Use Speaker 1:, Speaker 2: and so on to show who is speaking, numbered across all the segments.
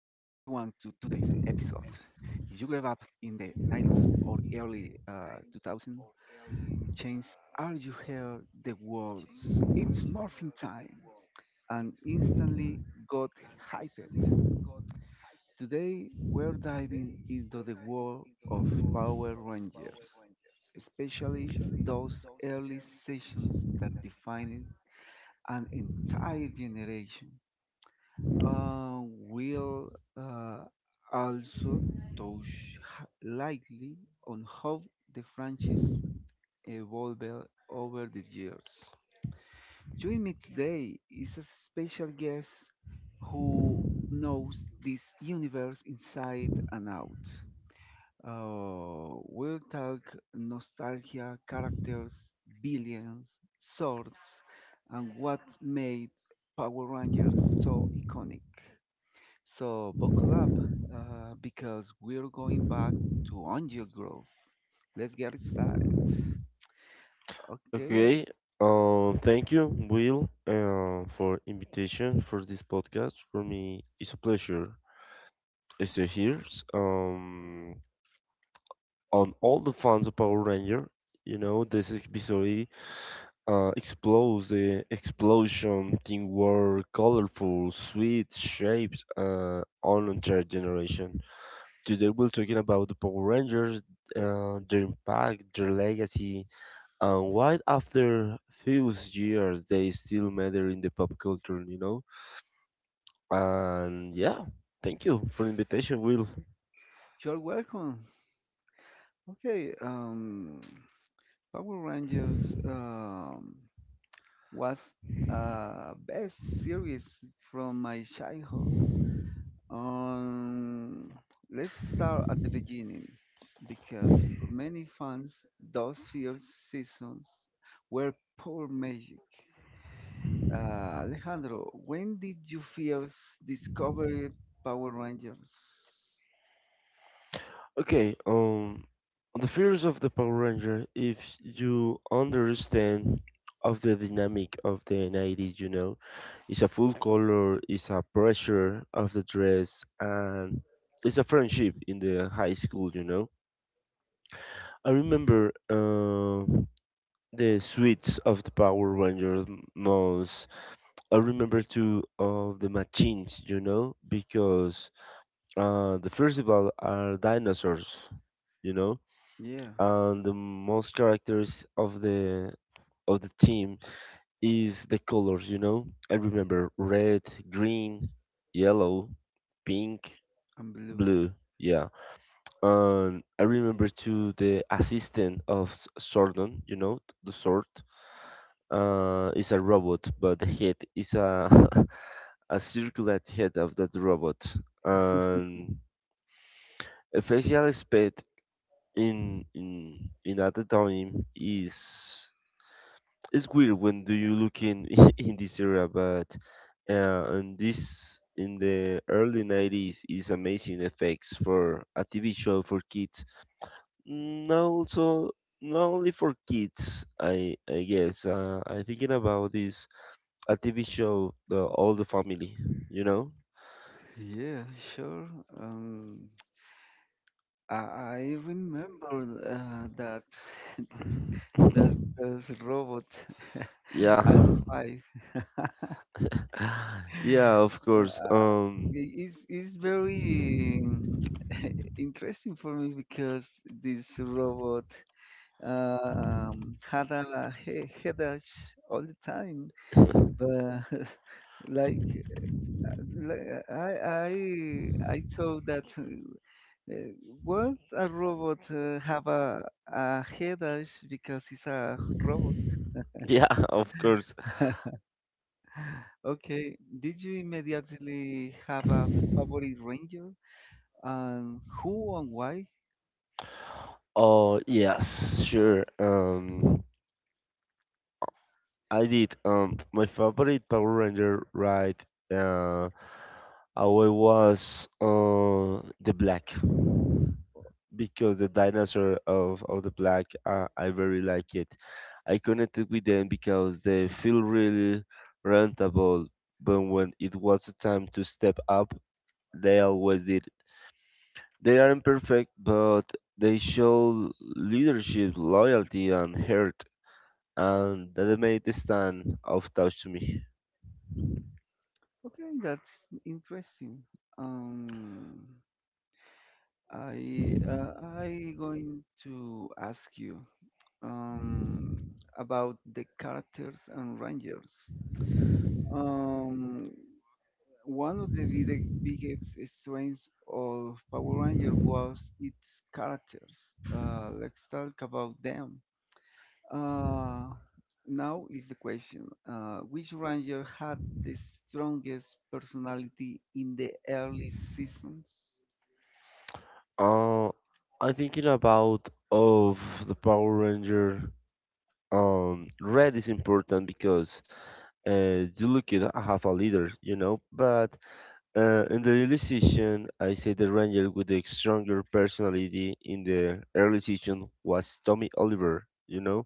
Speaker 1: If you grew up in the 90s or early 2000, change are you hear the words it's morphing time and instantly got hyped. Today we're diving into the world of Power Rangers, especially those early sessions that defined an entire generation. Will uh, also touch lightly on how the franchise evolved over the years. Joining me today is a special guest who knows this universe inside and out. We'll talk nostalgia, characters, billions, swords, and what made Power Rangers so iconic. So buckle up because we're going back to Angel Grove. Let's get it started. Okay,
Speaker 2: Okay. Thank you, Will, for invitation for this podcast. For me, it's a pleasure. It's a here. Um, on all the fans of Power Ranger, you know, this episode explodes the explosion, teamwork, colorful, sweet shapes, on entire generation. Today, we're talking about the Power Rangers, their impact, their legacy, and why after few years they still matter in the pop culture, you know? And yeah, thank you for the invitation, Will.
Speaker 1: you're welcome. Okay, Power Rangers um, was best series from my childhood. Um, let's start at the beginning because for many fans, those first seasons were poor magic. Alejandro, when did you first discover Power Rangers?
Speaker 2: Okay, the fears of the Power Ranger, if you understand of the dynamic of the 90s, you know, it's a full color, it's a pressure of the dress, and it's a friendship in the high school, you know. I remember the suits of the Power Rangers most. I remember two of the machines, you know, because the first of all are dinosaurs, you know,
Speaker 1: Yeah, uh,
Speaker 2: and the most characters of the team is the colors, you know. I remember red, green, yellow, pink,
Speaker 1: and Blue.
Speaker 2: blue. Yeah, and I remember too the assistant of Sordon, you know, the sword. Is a robot, but the head is a a circular head of that robot and facial aspect in in other time is it's weird when do you look in in this era. But and this in the early 90s is amazing effects for a TV show for kids, now also not only for kids. I guess, I'm thinking about this, a TV show the all the family, you know.
Speaker 1: Yeah. Yeah, sure. Um, I, I remember that that's robot Yeah.
Speaker 2: Yeah.
Speaker 1: Alpha Five.
Speaker 2: Yeah,
Speaker 1: Yeah.
Speaker 2: of
Speaker 1: Yeah,
Speaker 2: course.
Speaker 1: uh, it- it's it's very interesting for me because this robot had a headache all the time. But like, li- I I thought that uh, won't a robot have a headache because it's a robot?
Speaker 2: Yeah, of course.
Speaker 1: Okay, did you immediately have a favorite ranger? And who and why?
Speaker 2: Oh, yes, sure. I did. My favorite Power Ranger ride, uh, I was the black, because the dinosaur of the black, I very like it. I connected with them because they feel really rentable. But when it was the time to step up, they always did. They aren't perfect, but they show leadership, loyalty, and heart, and that made the stand of touch to me.
Speaker 1: Okay, that's interesting. Um, I uh, I going to ask you um about the characters and rangers. Um, One of the biggest strengths of Power Ranger was its characters. Let's talk about them. Uh, now is the question: which Ranger had the strongest personality in the early seasons?
Speaker 2: Uh, I'm thinking about of the Power Ranger. Red is important because you look at I have a leader, you know. But in the early season, I say the Ranger with the stronger personality in the early season was Tommy Oliver, you know.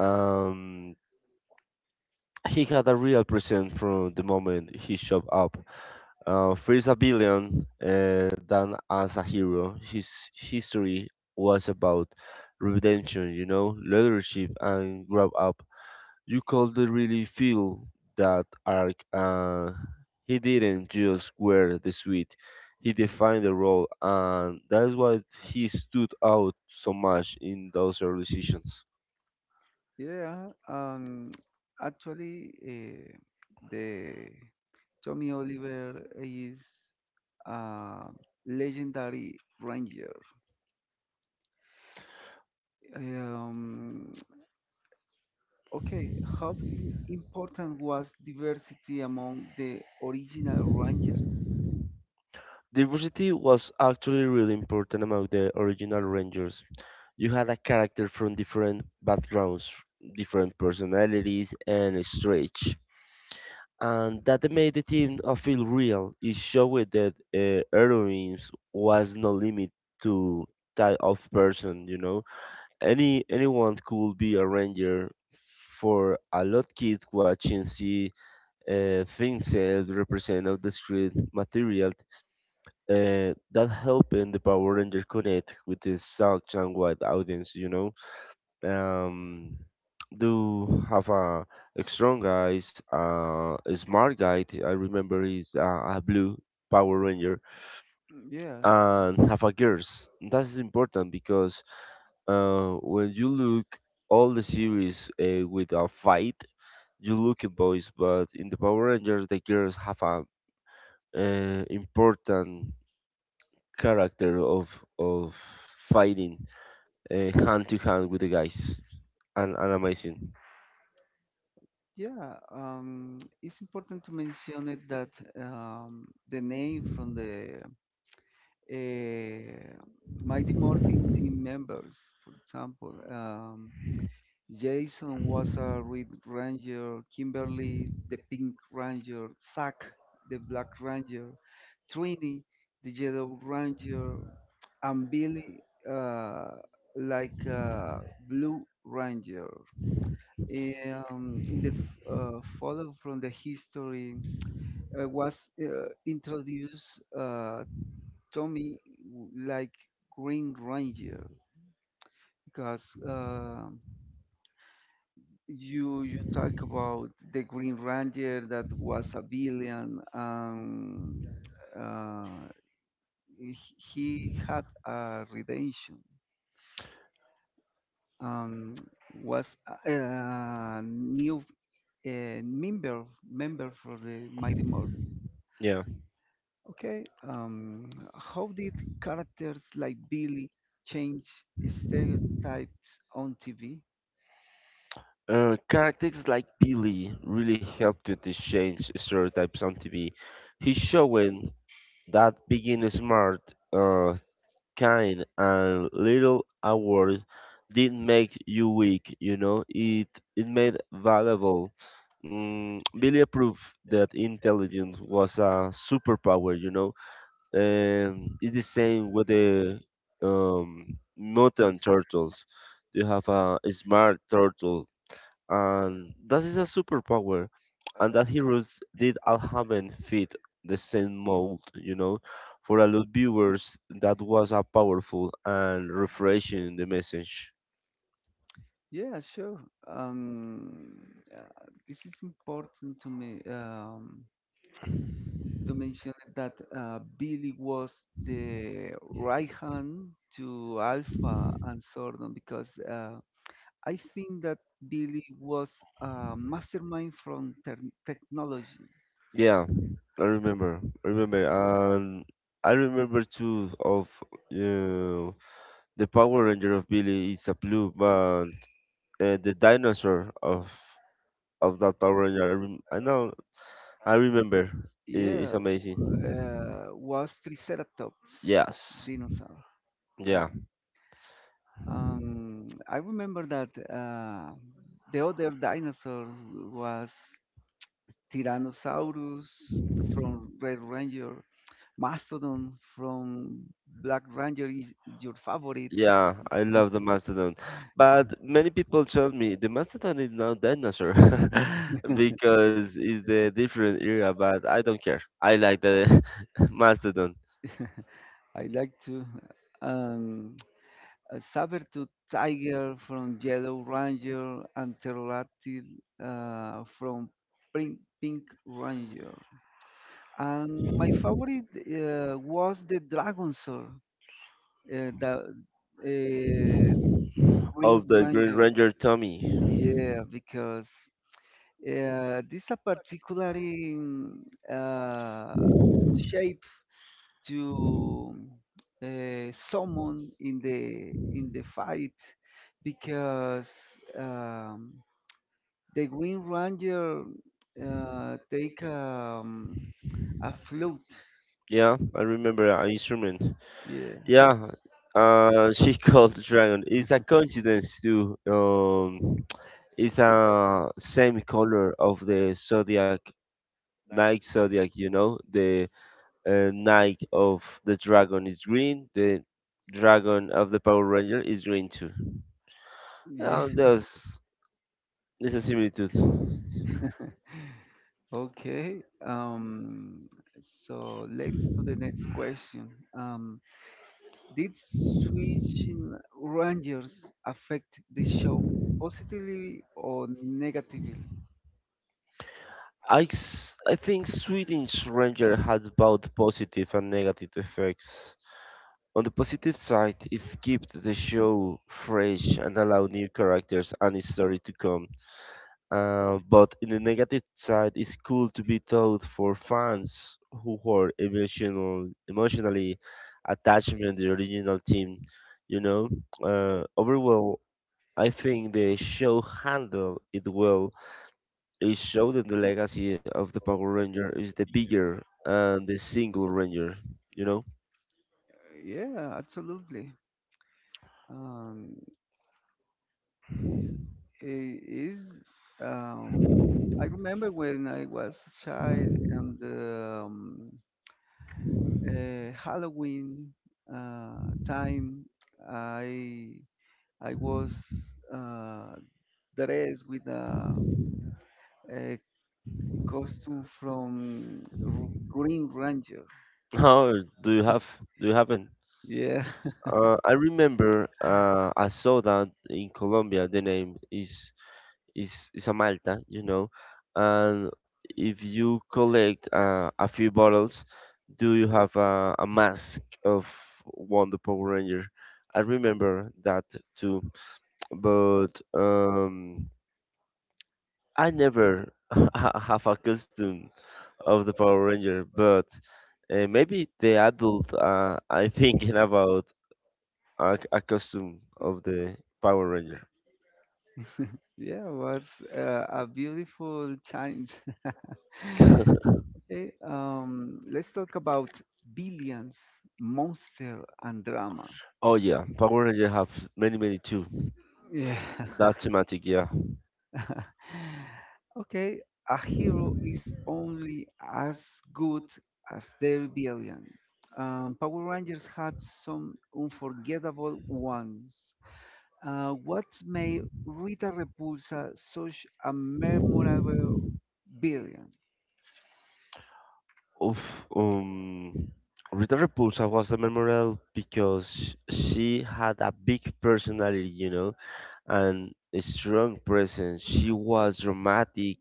Speaker 2: um He had a real presence from the moment he showed up. First a villain, then as a hero. His history was about redemption, you know, leadership, and grow up. You could really feel that arc. He didn't just wear the suit; he defined the role, and that's why he stood out so much in those early seasons.
Speaker 1: Yeah, actually, the Tommy Oliver is a legendary ranger. Um, okay, how important was diversity among the original Rangers?
Speaker 2: Diversity was actually really important among the original Rangers. You had a character from different backgrounds, different personalities, and stretch. And that made the team feel real. It showed that heroines was no limit to type of person, you know. Anyone could be a ranger. For a lot kids watching see things represent of the street material, that helping the Power Ranger connect with the South and wide audience, you know, um, do have a strong guys, a smart guy. I remember he's a blue Power Ranger,
Speaker 1: Mm, yeah,
Speaker 2: and have a girls. That's important because when you look all the series with a fight, you look at boys, but in the Power Rangers, the girls have a important character of of fighting hand to hand with the guys and, amazing.
Speaker 1: yeah. It's important to mention it that the name from the uh, Mighty Morphin team members, for example. Jason was a Red Ranger, Kimberly the Pink Ranger, Zack the Black Ranger, Trini the Yellow Ranger, and Billy uh, like a Blue Ranger. In the follow from the history was introduced Tommy like Green Ranger because you talk about the Green Ranger that was a villain, and uh, he had a redemption. Um, was a new a member for the Mighty Morphin.
Speaker 2: Yeah,
Speaker 1: Okay, how did characters like Billy change stereotypes on TV?
Speaker 2: characters like Billy really helped to change stereotypes on TV. He's showing that being smart, uh, kind and little award, didn't make you weak, you know. It made valuable. Mm, Billy proved that intelligence was a superpower, you know. And it's the same with the mutant turtles. They have a smart turtle, and that is a superpower. And that heroes did all haven't fit the same mold, you know. For a lot of viewers, that was a powerful and refreshing the message.
Speaker 1: Yeah, sure. Um, this is important to me to mention that Billy was the right hand to Alpha and Sordon because I think that Billy was a mastermind from ter technology.
Speaker 2: Yeah, I remember, and I remember too of the Power Ranger of Billy is a blue, but the dinosaur of that Power Ranger. I, I know, I remember.
Speaker 1: Yeah,
Speaker 2: It's
Speaker 1: w-
Speaker 2: amazing.
Speaker 1: was Triceratops
Speaker 2: Yes,
Speaker 1: dinosaur. Yeah.
Speaker 2: yeah,
Speaker 1: I remember that the other dinosaur was Tyrannosaurus from Red Ranger, Mastodon from Black Ranger is your favorite.
Speaker 2: yeah. I love the mastodon, but many people told me the mastodon is not dinosaur because it's the different era. But I don't care. I like the mastodon
Speaker 1: I like to. Um, a saber-tooth tiger from Yellow Ranger and pterodactyl from Pink Ranger. And my favorite was the Dragonsaur, the uh, Green
Speaker 2: of the Green
Speaker 1: Ranger.
Speaker 2: Ranger Tommy.
Speaker 1: Yeah, because yeah, this a particular in, uh, shape to someone in the fight because um, the Green Ranger take a flute.
Speaker 2: Yeah, I remember an instrument.
Speaker 1: Yeah,
Speaker 2: Yeah, she called the dragon. It's a coincidence too. It's a same color of the zodiac, Nike zodiac. You know, the Nike of the dragon is green. The dragon of the Power Ranger is green too.
Speaker 1: yeah.
Speaker 2: Yeah, there's a similitude.
Speaker 1: Okay. So let's to the next question. Um, Did switching rangers affect the show positively or negatively?
Speaker 2: I think Swedish Ranger has both positive and negative effects. On the positive side, it keeps the show fresh and allowed new characters and its story to come. But in the negative side, it's cool to be told for fans who are emotional, emotionally attached to the original team. You know, overall, I think the show handled it well. It showed that the legacy of the Power Ranger is the bigger and the single Ranger. You know,
Speaker 1: Yeah, absolutely. Um, it is. Um, I remember when I was a child and Halloween time, I I was uh, dressed with a costume from Green Ranger.
Speaker 2: how do you have? Do you have it?
Speaker 1: Yeah,
Speaker 2: I remember I saw that in Colombia the name is is a Malta, you know, and if you collect a few bottles, do you have a mask of one the Power Ranger? I remember that too, but I never have a costume of the Power Ranger, but maybe the adult I thinking about a costume of the Power Ranger.
Speaker 1: yeah, it was a beautiful time. Okay, let's talk about billions, monster, and drama.
Speaker 2: Oh yeah, Power Ranger have many too.
Speaker 1: Yeah.
Speaker 2: That thematic, yeah.
Speaker 1: Okay, a hero is only as good as their villain. Power Rangers had some unforgettable ones. What made Rita Repulsa such a memorable villain?
Speaker 2: Oof. Um, Rita Repulsa was a memorable because she had a big personality, you know, and a strong presence. She was dramatic,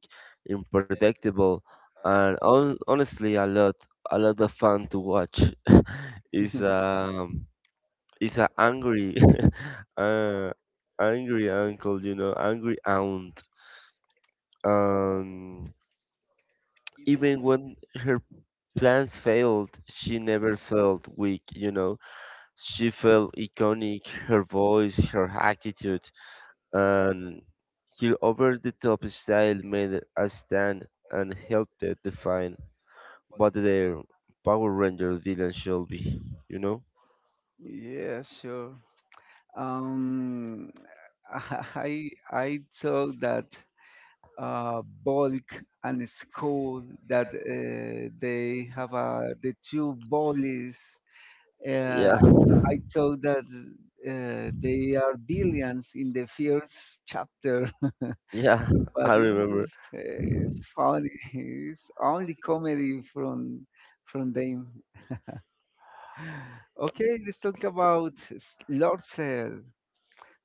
Speaker 2: unpredictable, and honestly, a lot of fun to watch. It's um, it's a angry, uh, angry uncle, you know, angry aunt. Um, even when her plans failed, she never felt weak, you know. She felt iconic, her voice, her attitude, and her over the top style made a stand and helped it define what their Power Ranger villain should be, you know?
Speaker 1: Yeah, sure. Um, I thought that bulk and school that they have the two bullies. Uh,
Speaker 2: Yeah,
Speaker 1: I thought that they are billions in the first chapter,
Speaker 2: yeah,
Speaker 1: but
Speaker 2: I remember.
Speaker 1: it's funny. It's only comedy from them. Okay, let's talk about Lord Cell.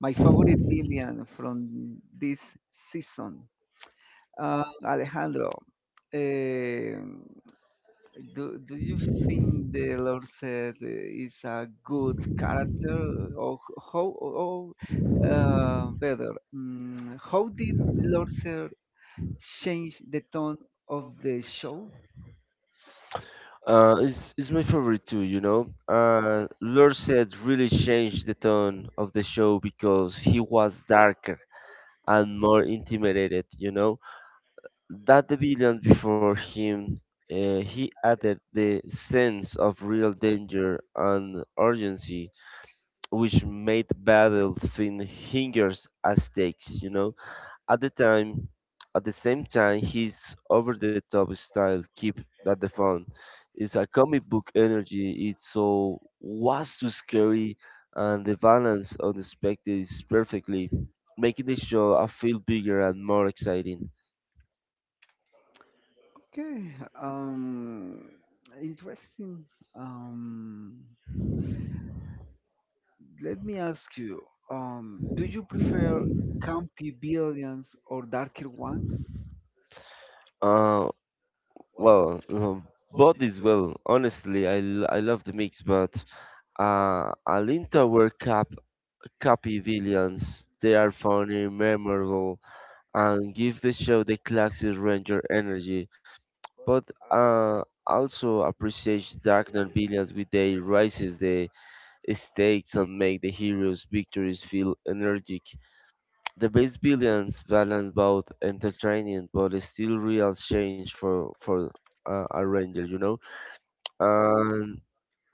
Speaker 1: My favorite villain from this season, Alejandro. Um do do you think the Lord said is a good character, or how, or better, mm, how did Lord said change the tone of the show?
Speaker 2: It's my favorite too, you know. Lorset really changed the tone of the show because he was darker and more intimidated, you know. That the villain before him, he added the sense of real danger and urgency, which made battle feel hingers as stakes, you know. At the time, at the same time, his over-the-top style keep that the fun. It's a comic book energy. It's so was too scary, and the balance of the spectacle is perfectly, making the show a feel bigger and more exciting.
Speaker 1: Okay, um, interesting. Um, Let me ask you, do you prefer campy villains or darker ones?
Speaker 2: Uh, well, both is well. Honestly, I love the mix, but Alin Tower Cap Copy villains. They are funny, memorable, and give the show the classic Ranger energy, but uh, also appreciates dark and villains with they raises the stakes and make the heroes' victories feel energetic. The best villains balance both entertaining but still real change for a ranger, you know. And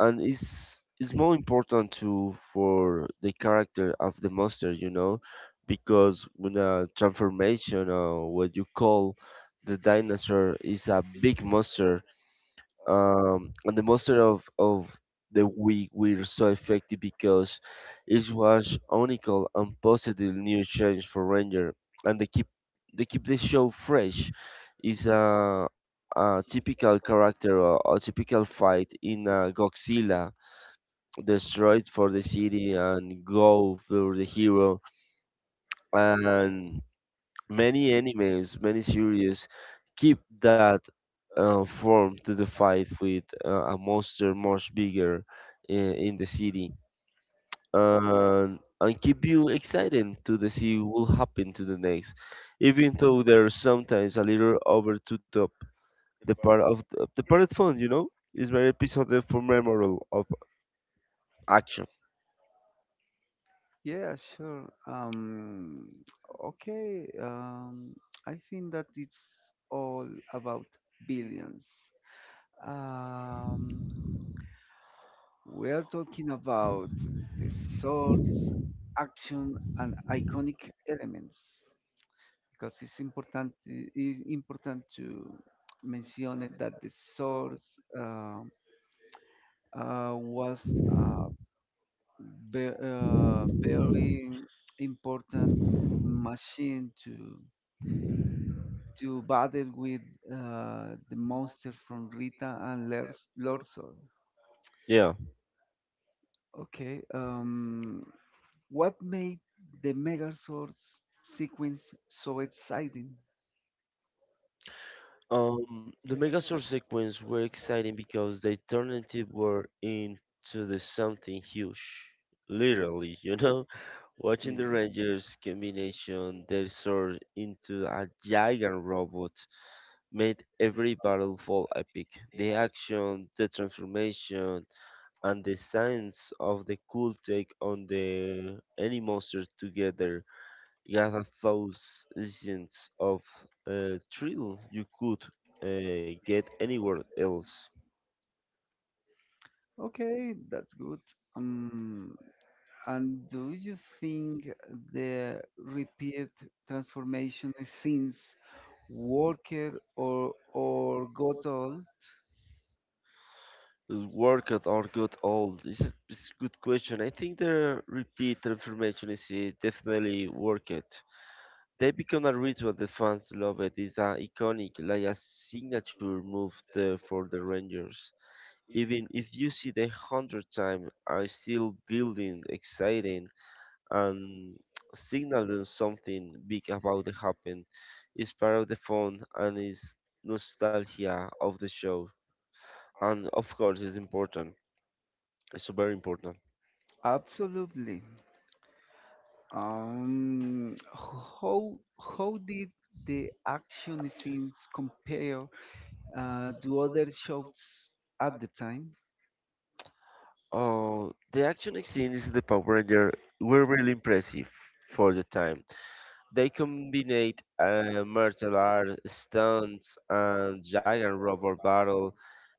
Speaker 2: it's more important to for the character of the monster, you know, because when a transformation or what you call the dinosaur is a big monster. And the monster of the week were so effective because it was unical and positive new change for ranger, and they keep the show fresh. Is a typical character or a typical fight in Godzilla destroyed for the city and go for the hero, and many animes, many series keep that form to the fight with a monster much bigger in the city, and keep you excited to the see what will happen to the next. Even though there's sometimes a little over to top, the part of the part of fun, you know, is very episode for memorable of action.
Speaker 1: Yeah, sure. Okay. I think that it's all about billions. Um, we are talking about the swords, action, and iconic elements because it's important. It's important to mention it that the swords. Um, was a very important machine to battle with the monster from Rita and Lorzol.
Speaker 2: Yeah.
Speaker 1: Okay, what made the Megazord's sequence so exciting?
Speaker 2: The Megazord sequence were exciting because they turned into were into the something huge. Literally, you know, watching
Speaker 1: Yeah.
Speaker 2: the Rangers combination their sword into a giant robot made every battle fall epic. The action, the transformation, and the science of the cool take on the any monster together, you have thousands of thrill you could get anywhere else.
Speaker 1: Okay, that's good. Um, And do you think the repeat transformation since worker or got all?
Speaker 2: Does workout or got old? This is a good question. I think the repeat transformation is definitely worth it. They become a ritual. The fans love it. It's a iconic, like a signature move for the Rangers. Even if you see the hundred time, are still building, exciting and signaling something big about to happen is part of the fun and is nostalgia of the show. And of course, it's important. It's very important.
Speaker 1: Absolutely. Um, how did the action scenes compare to other shows at the time?
Speaker 2: Oh, the action scenes in the Power Ranger were really impressive for the time. They combined martial art, stunts, and giant robot battle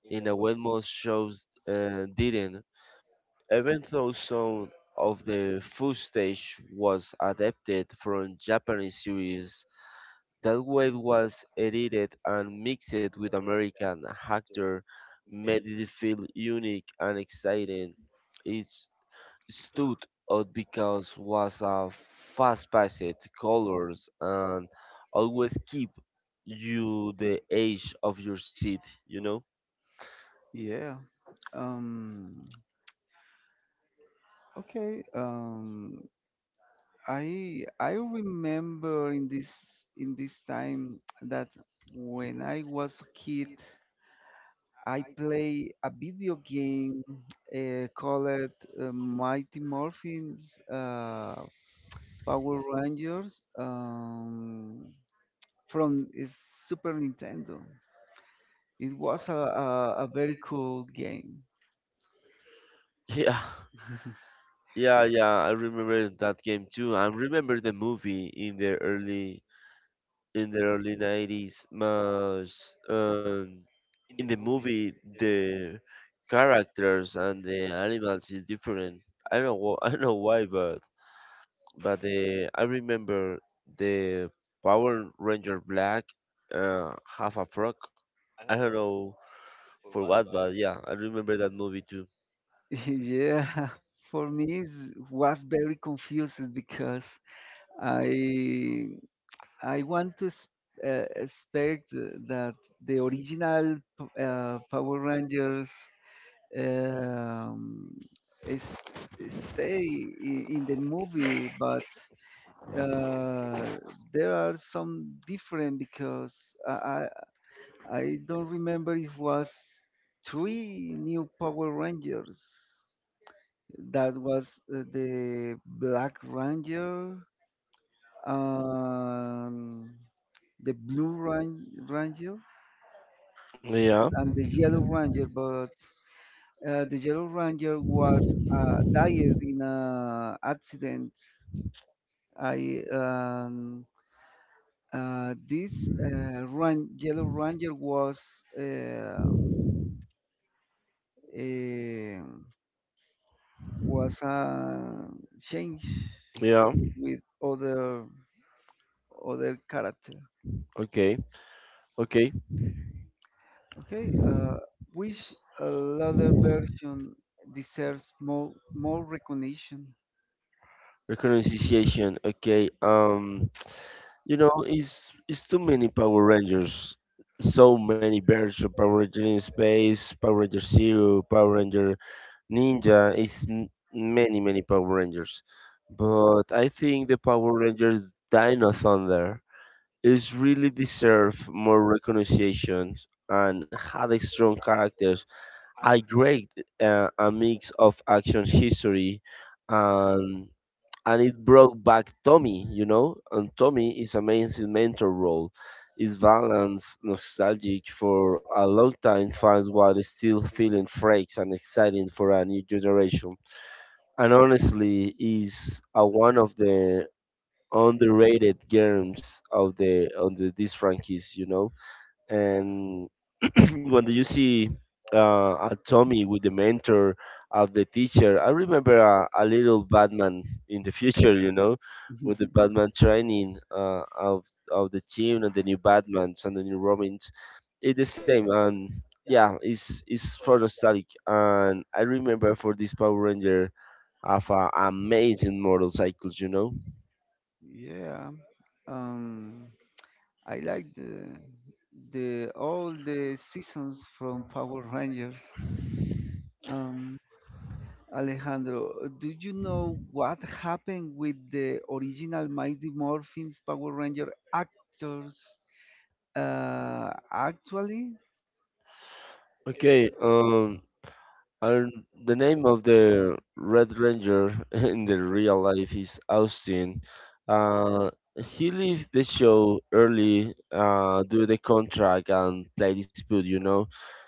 Speaker 2: in a way most shows didn't. Even though some of the footage was adapted from Japanese series, that way it was edited and mixed with American actor made it feel unique and exciting. It stood out because was a fast-paced colors and always keep you the edge of your seat, you know?
Speaker 1: Yeah. Um, okay. I remember in this time that when I was a kid, I play a video game called Mighty Morphins Power Rangers from Super Nintendo. It was a very cool game.
Speaker 2: Yeah. Yeah, yeah, I remember that game too. I remember the movie in the early 90s. Mas, in the movie, the characters and the animals is different. I don't know, I don't know why, but the I remember the Power Ranger Black, half a frog. I don't know for what, but yeah, I remember that movie too.
Speaker 1: Yeah, for me it was very confusing because I I want to expect that the original Power Rangers um, is, stay in the movie, but uh, there are some different because I, I I don't remember if was three new Power Rangers. That was the Black Ranger. Um, the blue ranger
Speaker 2: Yeah,
Speaker 1: and the yellow ranger, but the yellow ranger was died in a accident. I this ran- yellow ranger um um was changed
Speaker 2: yeah.
Speaker 1: with other other character.
Speaker 2: Okay, okay.
Speaker 1: Okay, which other version deserves more recognition?
Speaker 2: Reconnaissance, okay. You know, it's too many Power Rangers. So many versions of Power Ranger in Space, Power Ranger Zero, Power Ranger Ninja. It's many, many Power Rangers. But I think the Power Rangers Dino Thunder is really deserve more recognition and had a strong characters. I great a mix of action history and and it brought back Tommy, you know, and Tommy is amazing mentor role. Is balanced, nostalgic for a long time fans while still feeling fresh and exciting for a new generation. And honestly, is a one of the underrated games of the on the this franchise, you know and when you see a Tommy with the mentor of the teacher, I remember a little Batman in the future, you know, with the Batman training of of the team and the new Batmans and the new Robins. It's the same, and yeah, it's for nostalgic. And I remember for this Power Ranger have amazing motorcycles, you know.
Speaker 1: Yeah. Um, I like the all the seasons from Power Rangers. Um, Alejandro, do you know what happened with the original Mighty Morphin's Power Ranger actors? Actually,
Speaker 2: Okay, And the name of the Red Ranger in the real life is Austin. Uh, he left the show early due to the contract and play dispute. You know,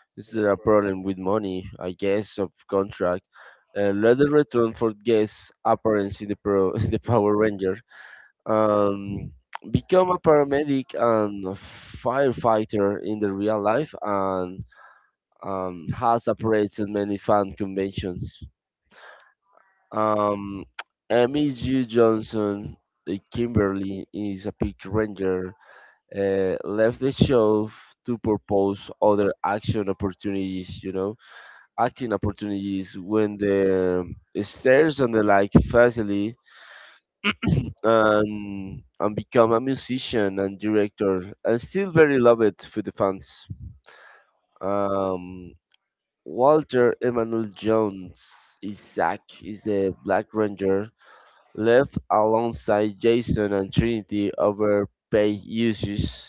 Speaker 2: this is a problem with money, I guess, of contract. Later returned for guest appearance in the pro in the Power Ranger. Um, Become a paramedic and a firefighter in the real life and has operated many fan conventions. Um, Amy G. Johnson, the Kimberly is a Pink Ranger, left the show to propose other action opportunities, you know, acting opportunities when the stairs on the like facility and become a musician and director and still very loved for the fans. Um, Walter Emanuel Jones, is Isaac, is the Black Ranger Left alongside Jason and Trinity over paid usage,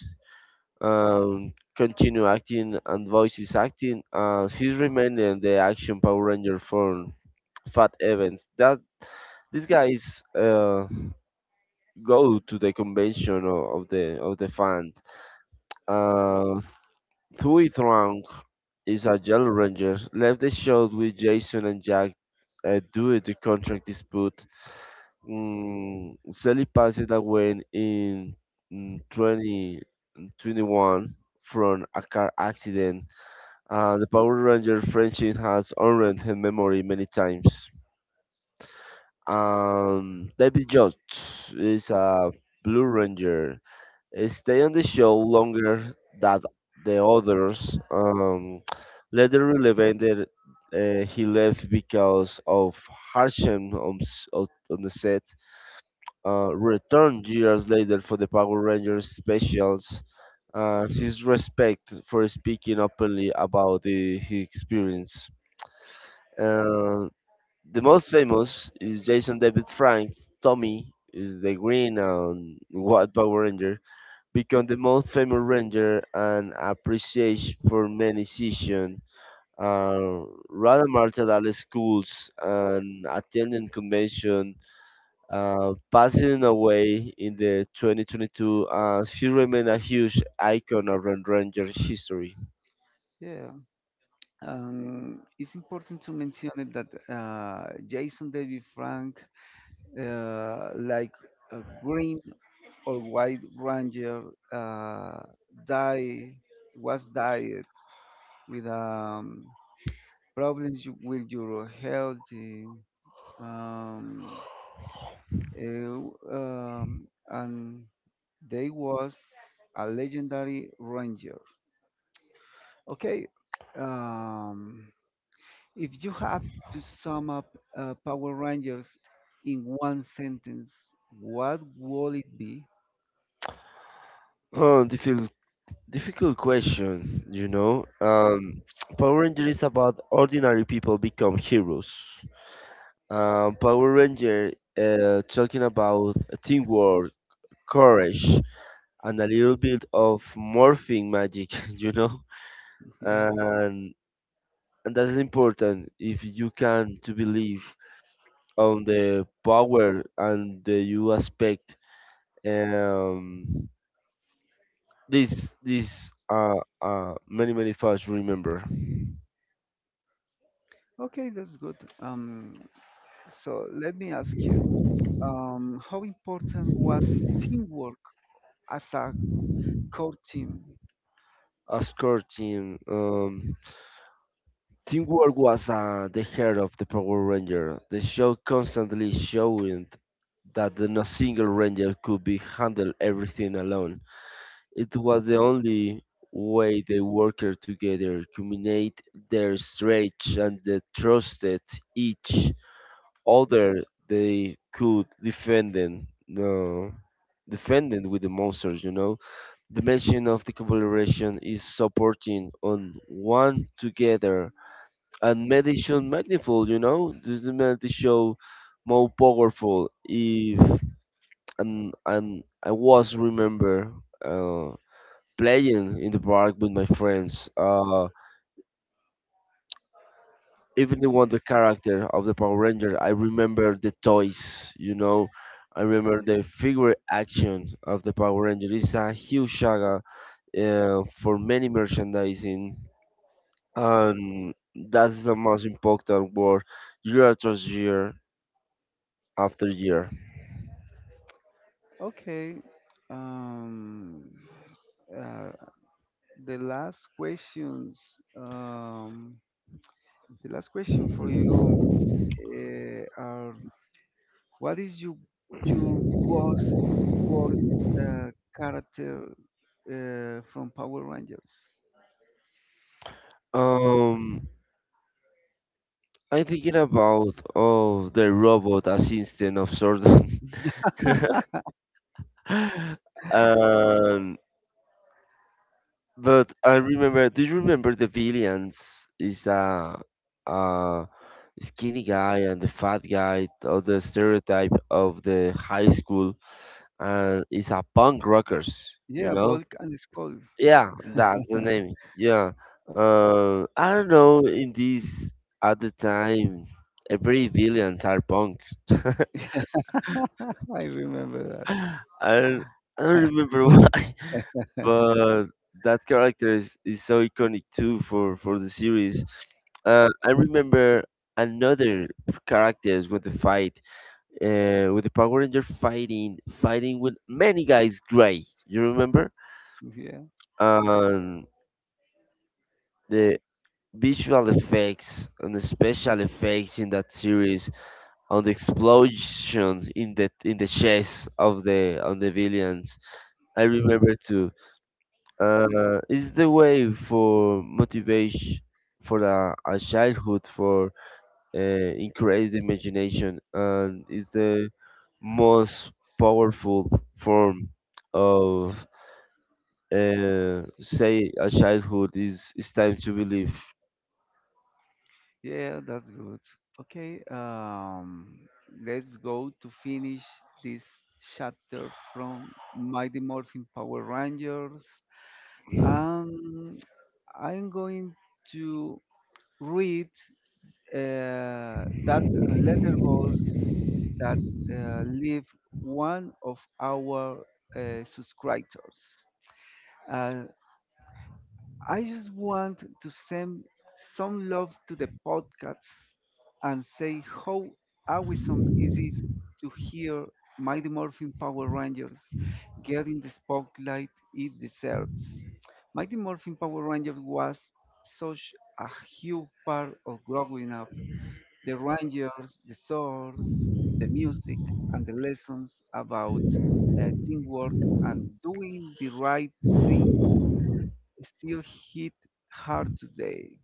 Speaker 2: continued acting and voices acting, and he's remained in the action Power Ranger form. Fat Evans. That these guys go to the convention of the fan. Uh, Thuy Trang is a Yellow Ranger. Left the show with Jason and Jack due to contract dispute. Sally passed away in mm, 2021 from a car accident. The Power Ranger franchise has honored her memory many times. David Jost is a Blue Ranger. He stayed on the show longer than the others. Later relevant that he left because of hardship on, on the set, returned years later for the Power Rangers specials, and his respect for speaking openly about his experience. Uh, the most famous is Jason David Frank's Tommy is the green and white Power Ranger, become the most famous Ranger and appreciated for many seasons. Uh, Radamar at schools and attending convention, passing away in the 2022, she remained a huge icon of Red Ranger history.
Speaker 1: yeah. It's important to mention it that Jason David Frank, uh, like uh, or White Ranger uh, die was diet with problems with your health um, and they was a legendary ranger. Okay, um, if you have to sum up Power Rangers in one sentence, what would it be?
Speaker 2: Oh, difficult, difficult question, you know. Power Ranger is about ordinary people become heroes. Power Ranger talking about teamwork, courage, and a little bit of morphing magic, you know.
Speaker 1: Yeah.
Speaker 2: And and that is important if you can to believe on the power and the you aspect, um this many many facts remember
Speaker 1: Okay, that's good. So let me ask you, how important was teamwork as a core team?
Speaker 2: as core team. Teamwork was the heart of the Power Ranger. The show constantly showing that the no single Ranger could be handle everything alone. It was the only way they worked together, combined their strength and they trusted each other, they could defend them, no, defending with the monsters, you know. The mention of the collaboration is supporting on one together and meditation magniful, you know. This made the show more powerful if and I was remember uh, playing in the park with my friends. Even the one the character of the Power Ranger, I remember the toys, you know. I remember the figure action of the Power Ranger. It's a huge saga for many merchandising, and that's the most important word year after year after year.
Speaker 1: Okay. Um, uh, the last questions, um, the last question for you are: What is your worst uh, character from Power Rangers?
Speaker 2: Um, I'm thinking about oh the robot assistant of Jordan, and But I remember, do you remember the villains? Is a uh, skinny guy and the fat guy, or the stereotype of the high school, and it's a punk rockers, you
Speaker 1: Yeah,
Speaker 2: know?
Speaker 1: Bulk and Skull.
Speaker 2: Yeah, that's the name. Yeah. I don't know. In this at the time, every villains are punk.
Speaker 1: I remember
Speaker 2: I don't, I don't
Speaker 1: that.
Speaker 2: remember why, but that character is so iconic too for the series. I remember another characters with the fight, with the Power Ranger fighting, fighting with many guys. Gray, you remember?
Speaker 1: Yeah.
Speaker 2: Um, the visual effects and the special effects in that series, on the explosions in the chest of the on the villains. I remember too. It's the way for motivation for a childhood for uh, increase the imagination and it's the most powerful form of say a childhood is it's time to believe.
Speaker 1: Yeah, that's good. Okay, let's go to finish this chapter from Mighty Morphin Power Rangers. Um, I'm going to read that letterbox that leave one of our subscribers. Uh, I just want to send some love to the podcast and say how awesome it is to hear Mighty Morphin Power Rangers getting the spotlight it deserves. Mighty Morphin Power Rangers was such a huge part of growing up. The Rangers, the swords, the music, and the lessons about teamwork and doing the right thing still hit hard today.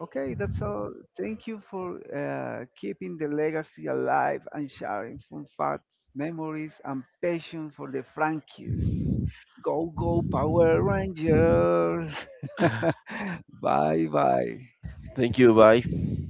Speaker 1: Okay, that's all. Thank you for keeping the legacy alive and sharing fun facts, memories, and passion for the Frankies. Go, go, Power Rangers! Bye, bye.
Speaker 2: Thank you, bye.